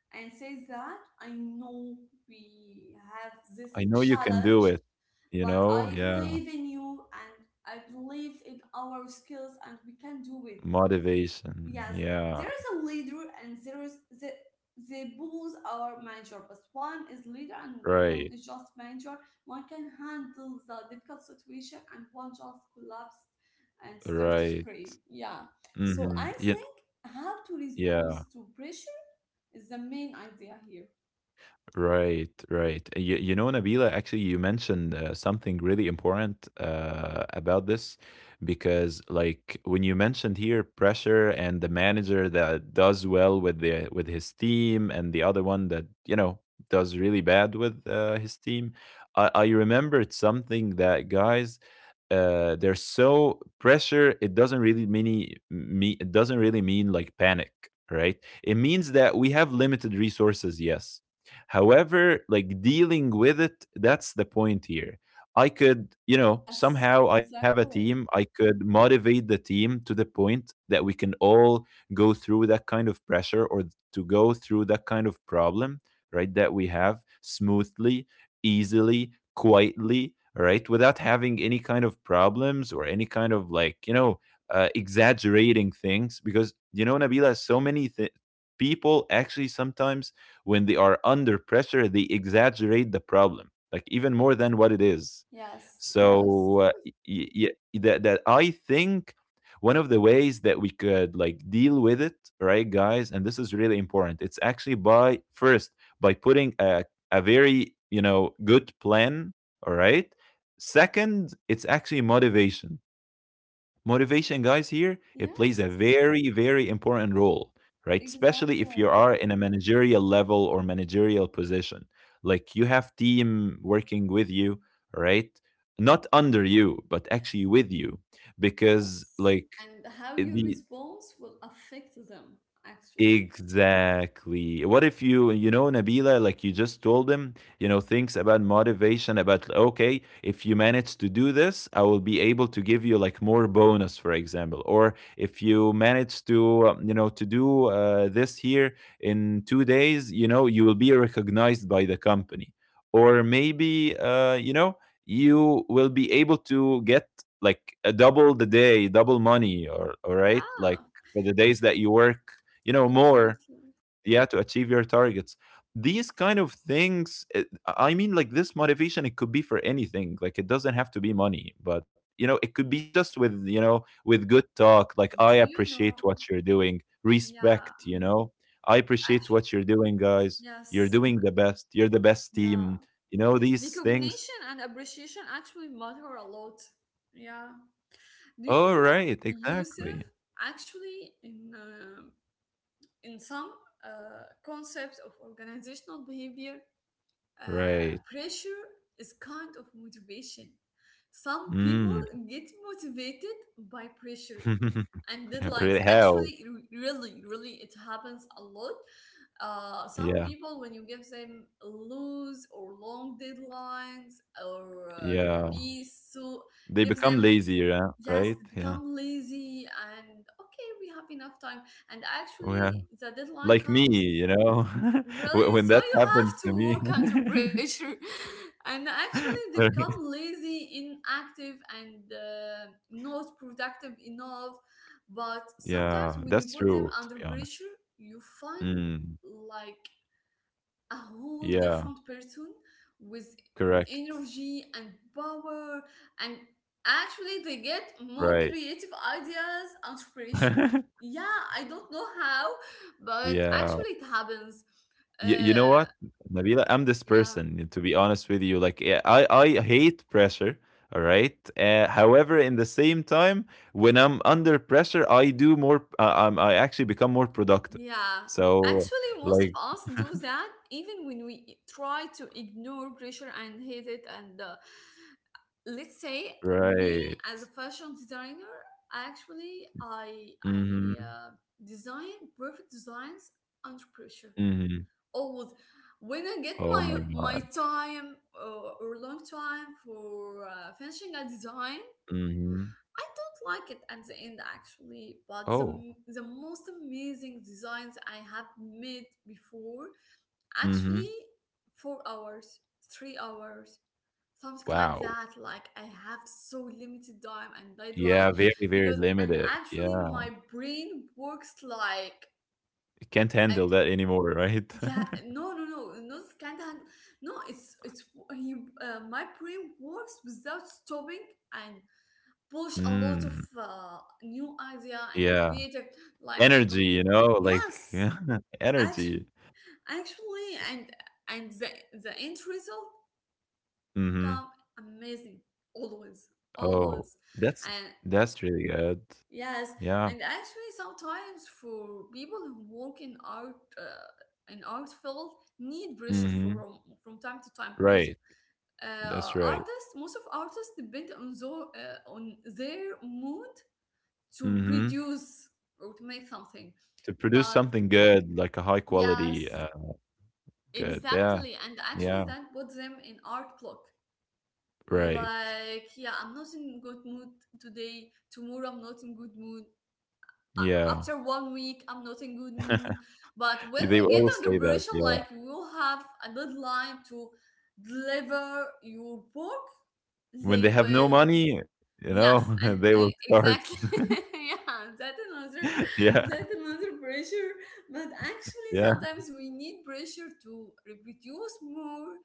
and says that, I know we have this I know you can challenge, do it, you but know? I Yeah. believe in you and I believe in our skills and we can do it. Motivation. Yes, Yeah. there is a leader and there is the, they both are manager, but one is leader and one Right. is just manager. One can handle the difficult situation and one just collapsed and start to Right. scream. Yeah. So Mhm. I Yeah. think how to respond Yeah. to pressure is the main idea here. Right, right. You, you know, Nabila, actually, you mentioned something really important about this because, like, when you mentioned here pressure and the manager that does well with the with his team and the other one that you know does really bad with his team, I remembered something that guys there's so pressure, it doesn't really mean me, it doesn't really mean like panic, right? It means that we have limited resources, yes. However, like dealing with it, that's the point here. I could, you know, Yes, somehow I have a team, exactly. I could motivate the team to the point that we can all go through that kind of pressure or to go through that kind of problem, right? That we have smoothly, easily, quietly, right? Without having any kind of problems or any kind of like, you know, exaggerating things because you know Nabila so many people actually sometimes when they are under pressure, they exaggerate the problem, like even more than what it is. Yes, yes. So yeah, that I think one of the ways that we could like deal with it, right, guys, and this is really important. It's actually by first by putting a very you know good plan, all right. Second, it's actually motivation. Motivation, guys, here, it plays a Yes, very, very important role, right? Especially exactly. if you are in a managerial level or managerial position. Like you have team working with you, right? Not under you, but actually with you. Because Yes. like And how your the response will affect them, actually. Exactly. What if you, Nabila, like you just told him, things about motivation, about, okay, if you manage to do this, I will be able to give you like more bonus, for example. Or if you manage to, to do this here in 2 days, you know, you will be recognized by the company. Or maybe, you will be able to get like a double the day, double money, or, all right, like Yeah, for the days that you work more, exactly. yeah, to achieve your targets. These kind of things, I mean, like this motivation, it could be for anything. Like it doesn't have to be money, but it could be just with with good talk. Like I Do you appreciate know? what you're doing, Yeah, respect, I appreciate actually, what you're doing, guys. You're yes. doing the best, you're the best Yeah. team, these things. Recognition and appreciation actually matter a lot. Yeah. Do you All know, right, exactly. Yusuf, actually, in in some concepts of organizational behavior, Right. pressure is kind of motivation. Some people Mm. get motivated by pressure and deadlines. Really, how? Actually, really, really, it happens a lot. Some Yeah. people, when you give them loose or long deadlines, or Yeah. be so, They give become them lazier, yes, right? Yeah. become lazy and okay, we have enough time. And Yeah. actually, the deadline Like me, comes. Really? When So that you happens have to to me. work under pressure. And actually, they become lazy, inactive, and not productive enough. But sometimes Yeah, when you that's put them true, to under be honest. pressure, you find Mm. like a whole Yeah, different person with correct. energy and power, and actually they get more Right. creative ideas under pressure. Yeah, I don't know how, but Yeah. actually it happens. Y you know uh what, Nabila? I'm this yeah person, to be honest with you. Like, I hate pressure, all right? However, in the same time, when I'm under pressure, I do more, I actually become more productive. Yeah, So, actually, most like, of us do that even when we try to ignore pressure and hate it. And let's say me Right. as a fashion designer, actually, I I Mhm. uh, design perfect designs under pressure Mhm. always. When I get Oh my my my god. time or long time for finishing a design, Mhm. I don't like it at the end actually, but Oh. the most amazing designs I have made before Mhm. actually 4 hours, 3 hours, something like Wow. that. Like I have so limited time and deadline Yeah, very, very because and limited. actually Yeah. my brain works like Can't I handle that anymore, right? yeah no no no not can't hand no it's it's he my brain works without stopping and push a lot of Mm. New idea and Yeah. creative like Energy, you know, like yes act- energy. actually and and the, the end result Mhm. become amazing always, Oh, always. that's And that's really good. yes, Yeah. and actually sometimes for people who work in art field need pressure Mhm. From time to time because Right. That's right. artists, most of artists depend on, on their mood to Mhm. produce or to make something. To produce But something good, like a high quality, yes, good. Yeah. exactly. And actually, Yeah. that puts them in art block. Right. Like, yeah, I'm not in good mood today. Tomorrow, I'm not in good mood. Yeah. After one week, I'm not in good mood. But when They they get always say under that, pressure, yeah. like you will have a deadline to deliver your work, When they they have will. no money, you Yes, know, and they will start. exactly, yeah, Yeah, that another pressure. But actually, yeah, sometimes we need pressure to reproduce more,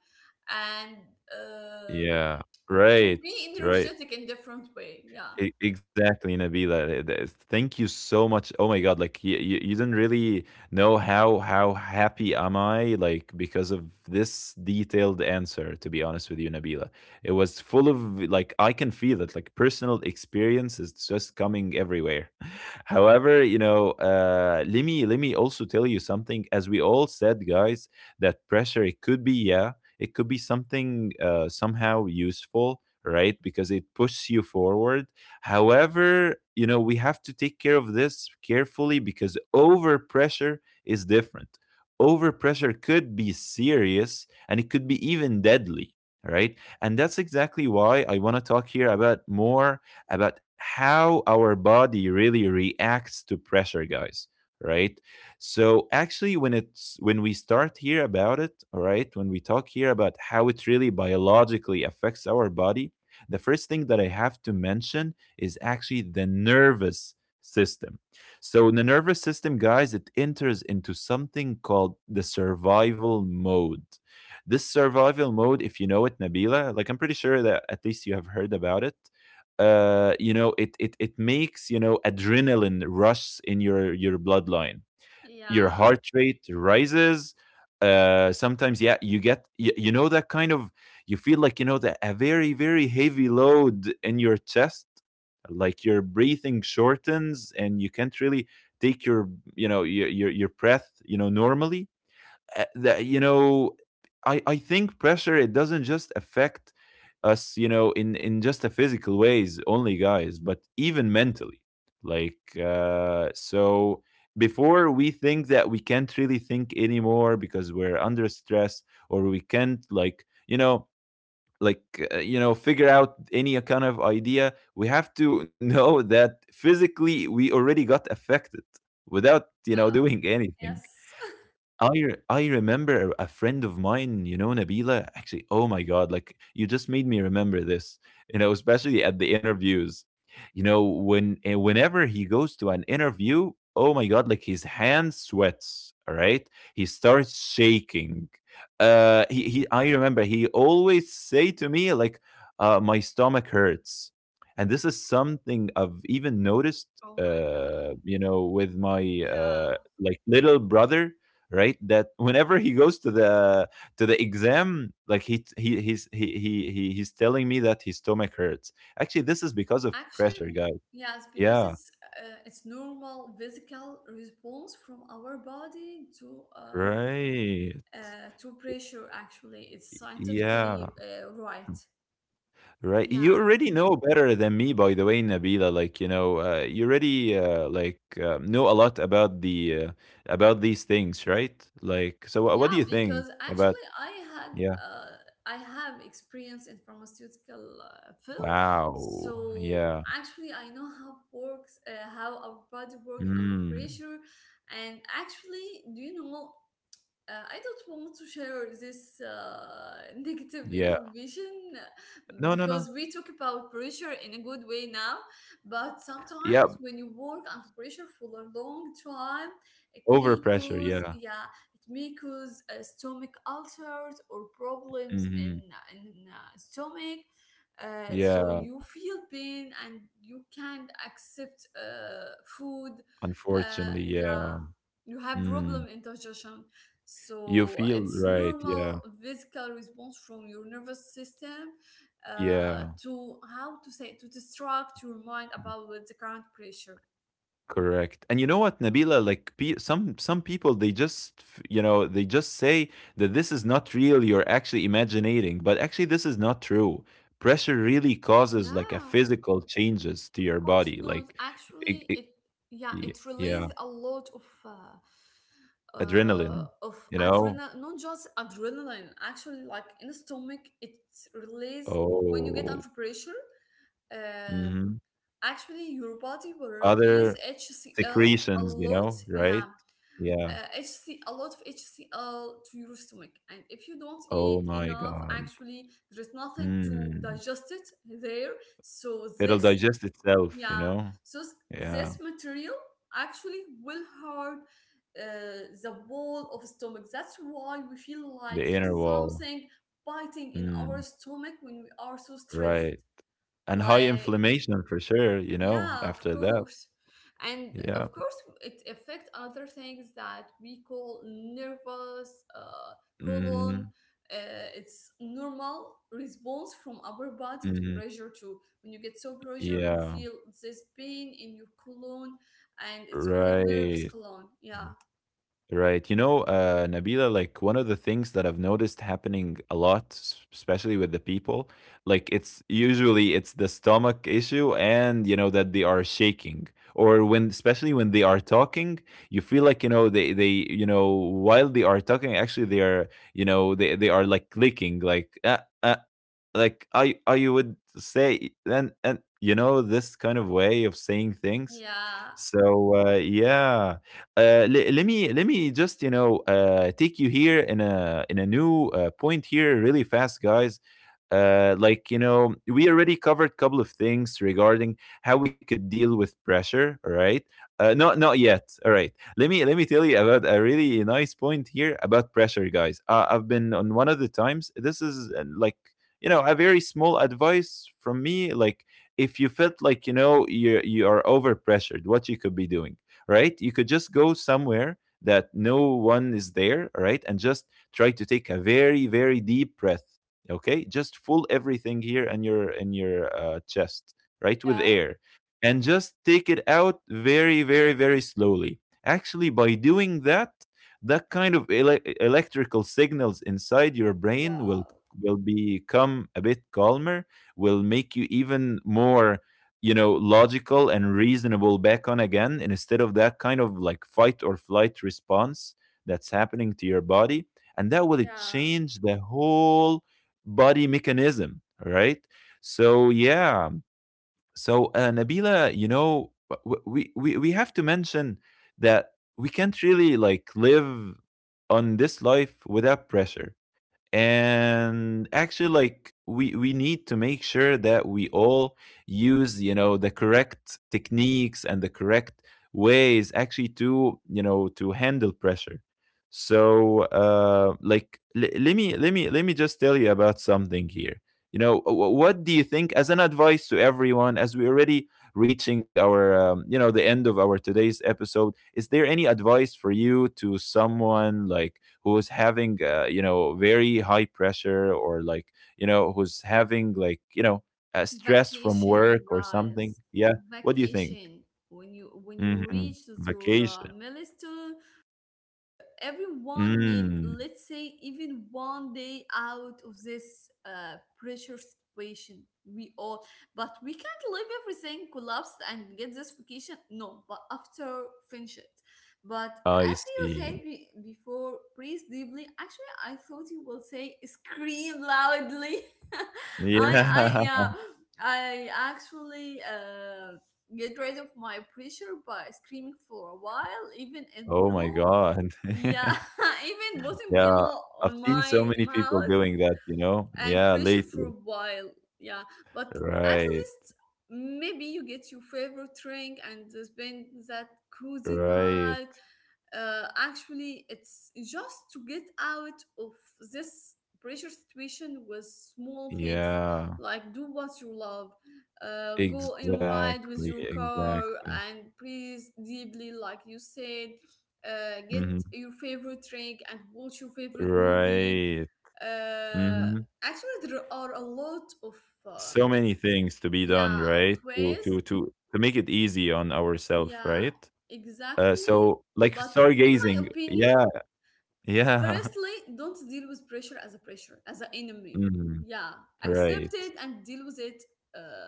and uh, yeah. to Right, be right. energetic in different way. Yeah, E exactly, Nabila. Th th thank you so much. Oh my God, like you didn't really know how happy am I, like, because of this detailed answer, to be honest with you, Nabila. It was full of, like, I can feel it, like personal experience is just coming everywhere. However, you know, let me also tell you something. As we all said, guys, that pressure, it could be, yeah, it could be something somehow useful. Right, because it pushes you forward. However, you know, we have to take care of this carefully because overpressure is different. Overpressure could be serious and it could be even deadly, right? And that's exactly why I want to talk here about more about how our body really reacts to pressure, guys, right? So actually, when it's when we start here about it, all right, when we talk here about how it really biologically affects our body, the first thing that I have to mention is actually the nervous system. So, the nervous system, guys, it enters into something called the survival mode. This survival mode, if you know it, Nabila, like I'm pretty sure that at least you have heard about it. You know, it makes, you know, adrenaline rush in your bloodline, your yeah, heart rate rises, sometimes, yeah, you know, that kind of, you feel like, you know, that a very, very heavy load in your chest, like your breathing shortens and you can't really take your, you know, your breath, you know, normally. That you know I think pressure, it doesn't just affect us, you know, in just a physical ways only, guys, but even mentally. like uh so Before we think that we can't really think anymore because we're under stress, or we can't like, you know, like you know, figure out any kind of idea, we have to know that physically we already got affected without, you know, yeah, doing anything. yes. I remember a friend of mine, you know, Nabila. Actually, oh my God, like you just made me remember this. You know, especially at the interviews. You know, when whenever he goes to an interview, oh my God, like his hand sweats. All right, he starts shaking. He I remember he always say to me like, my stomach hurts, and this is something I've even noticed. Oh my God. You know, with my Yeah, like little brother, right? That whenever he goes to the exam, like he he's telling me that his stomach hurts. Actually, this is because of actually, pressure, guys. Yes, because Yeah, it's normal physical response from our body right. To pressure. Actually, it's Yeah, scientifically right. right. You Yeah, already know better than me, by the way, Nabila. Like, you know, you already like know a lot about the about these things, right? Like, so what do yeah, you think because about? actually I had Yeah. uh, I have experience in pharmaceutical field. Wow, So yeah. actually I know how works how our body work under Mm, pressure. And actually, do you know, I don't want to share this negative yeah. information No, no, no. because we talk about pressure in a good way now. But Yeah. sometimes when you work under pressure for a long time, it may Overpressure, cause yeah. yeah, it may cause stomach ulcers or problems Mhm. In stomach. So Yeah, you feel pain and you can't accept food. Unfortunately, yeah. Yeah, you have Mm. problem indigestion, You so feel it's right, yeah. normal physical response from your nervous system Yeah. to how to say to distract your mind about with the current pressure. Correct. And you know what, Nabila, like pe some people, they just, f you know, they just say that this is not real, you're actually imaginating, but actually this is not true. Pressure really causes like a Yeah, physical changes to of your course body, not. like it, Actually, it, it yeah it yeah, releases a lot of. Adrenaline, Of you know? adrenaline, not just adrenaline, actually, like in the stomach, it release when you get Oh. under pressure. Uh, Mhm. actually, your body will release Other HCl a secretions, you lot. know, Yeah, right? Yeah. A lot of HCl to your stomach. And if you don't Oh eat my enough, God. actually, there is nothing to Hmm. digest it there. So It'll this, digest itself, you yeah, know? so s- Yeah. this material actually will hurt the wall of stomach. That's why we feel like The there inner is wall. something biting in our Hmm. stomach when we are so stressed. Right. And high Like inflammation for sure, you know, yeah, of after that. course. And Yeah. of course, it affects other things that we call nervous colon. Mm-hmm. It's normal response from our body to Mm-hmm. pressure too. When you get so pressure, you Yeah. feel this pain in your colon, and it's called Right. nervous colon. Yeah, Right. You know, Nabila, like one of the things that I've noticed happening a lot, especially with the people, like it's usually it's the stomach issue and, you know, that they are shaking, or when, especially when they are talking, you feel like, you know, you know, while they are talking, actually they are, you know, they are like clicking, like, uh, like, I you would say, you know, this kind of way of saying things. yeah, So yeah, let me just, you know, take you here in a new point here really fast, guys. Like, you know, we already covered a couple of things regarding how we could deal with pressure. All right, not not yet. All right, let me tell you about a really nice point here about pressure, guys. I've been on one of the times. This is like, you know, a very small advice from me, like if you felt like, you know, you are overpressured, what you could be doing, right? You could just go somewhere that no one is there, right? And just try to take a very, very deep breath. Okay, just full everything here in your chest, right, with yeah. air, and just take it out very, very, very slowly. Actually, by doing that, that kind of electrical signals inside your brain Wow. will become a bit calmer, will make you even more, you know, logical and reasonable back on again, and instead of that kind of like fight or flight response that's happening to your body, and that will Yeah. change the whole body mechanism, right? So yeah. So Nabila, you know, we have to mention that we can't really like live on this life without pressure. And actually, like, we need to make sure that we all use, you know, the correct techniques and the correct ways, actually, to, you know, to handle pressure. So like, let me just tell you about something here. You know, what do you think as an advice to everyone, as we're already reaching our you know, the end of our today's episode. Is there any advice for you to someone like who's having you know, very high pressure, or like, you know, who's having, like, you know, stress from Vacation, work or something? guys. Yeah, what do you think? Vacation. When you Hmm, reach your vacation. milestone. Yeah, everyone need Mm, let's say even one day out of this pressure situation we all, but we can't leave everything collapsed and get this vacation, no, but after finish it. But I as you see. said before, breathe deeply. Actually, I thought you will say scream loudly. i Yeah. I yeah, I actually get rid of my pressure by screaming for a while, even in Oh my pillow, god. yeah, even bottom Yeah, below I've on seen so my many people mouth doing that, you know. and Yeah, pressure for a lately. while. Yeah, but at Right, least maybe you get your favorite drink and spend that cozy right. night. Uh, actually it's just to get out of this pressure situation with small things, Yeah, like do what you love, go and ride exactly, with your car exactly. and breathe deeply like you said. Uh, get Hmm. your favorite drink and watch your favorite movie. Right. Uh, Hmm. actually there are a lot of uh, So many things to be done, yeah of right? To ways, make it easy on ourselves, yeah, right? Exactly. So, like, But in my stargazing. opinion, Yeah. Yeah. firstly, don't deal with pressure as a pressure, as an enemy. Mhm. Yeah, accept Right. it and deal with it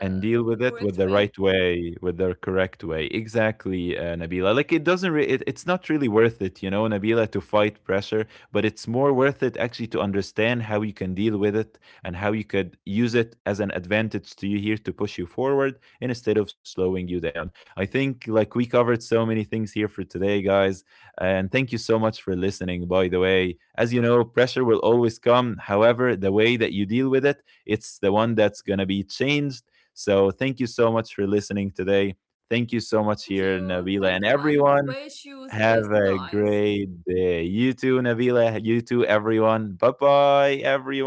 And deal in with it with correct the way. right way, with the correct way. Exactly, Nabila. Like, it doesn't, re- it, it's not really worth it, you know, Nabila, to fight pressure, but it's more worth it actually to understand how you can deal with it, and how you could use it as an advantage to you here to push you forward instead of slowing you down. I think like we covered so many things here for today, guys, and thank you so much for listening. By the way, as you know, pressure will always come. However, the way that you deal with it, it's the one that's gonna be changed. So thank you so much for listening today. Thank you so much here, Nabila, and Thank you, and everyone. wish you the Have best, a guys. great day. You too, Nabila. You too, everyone. Bye bye,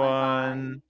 Bye bye.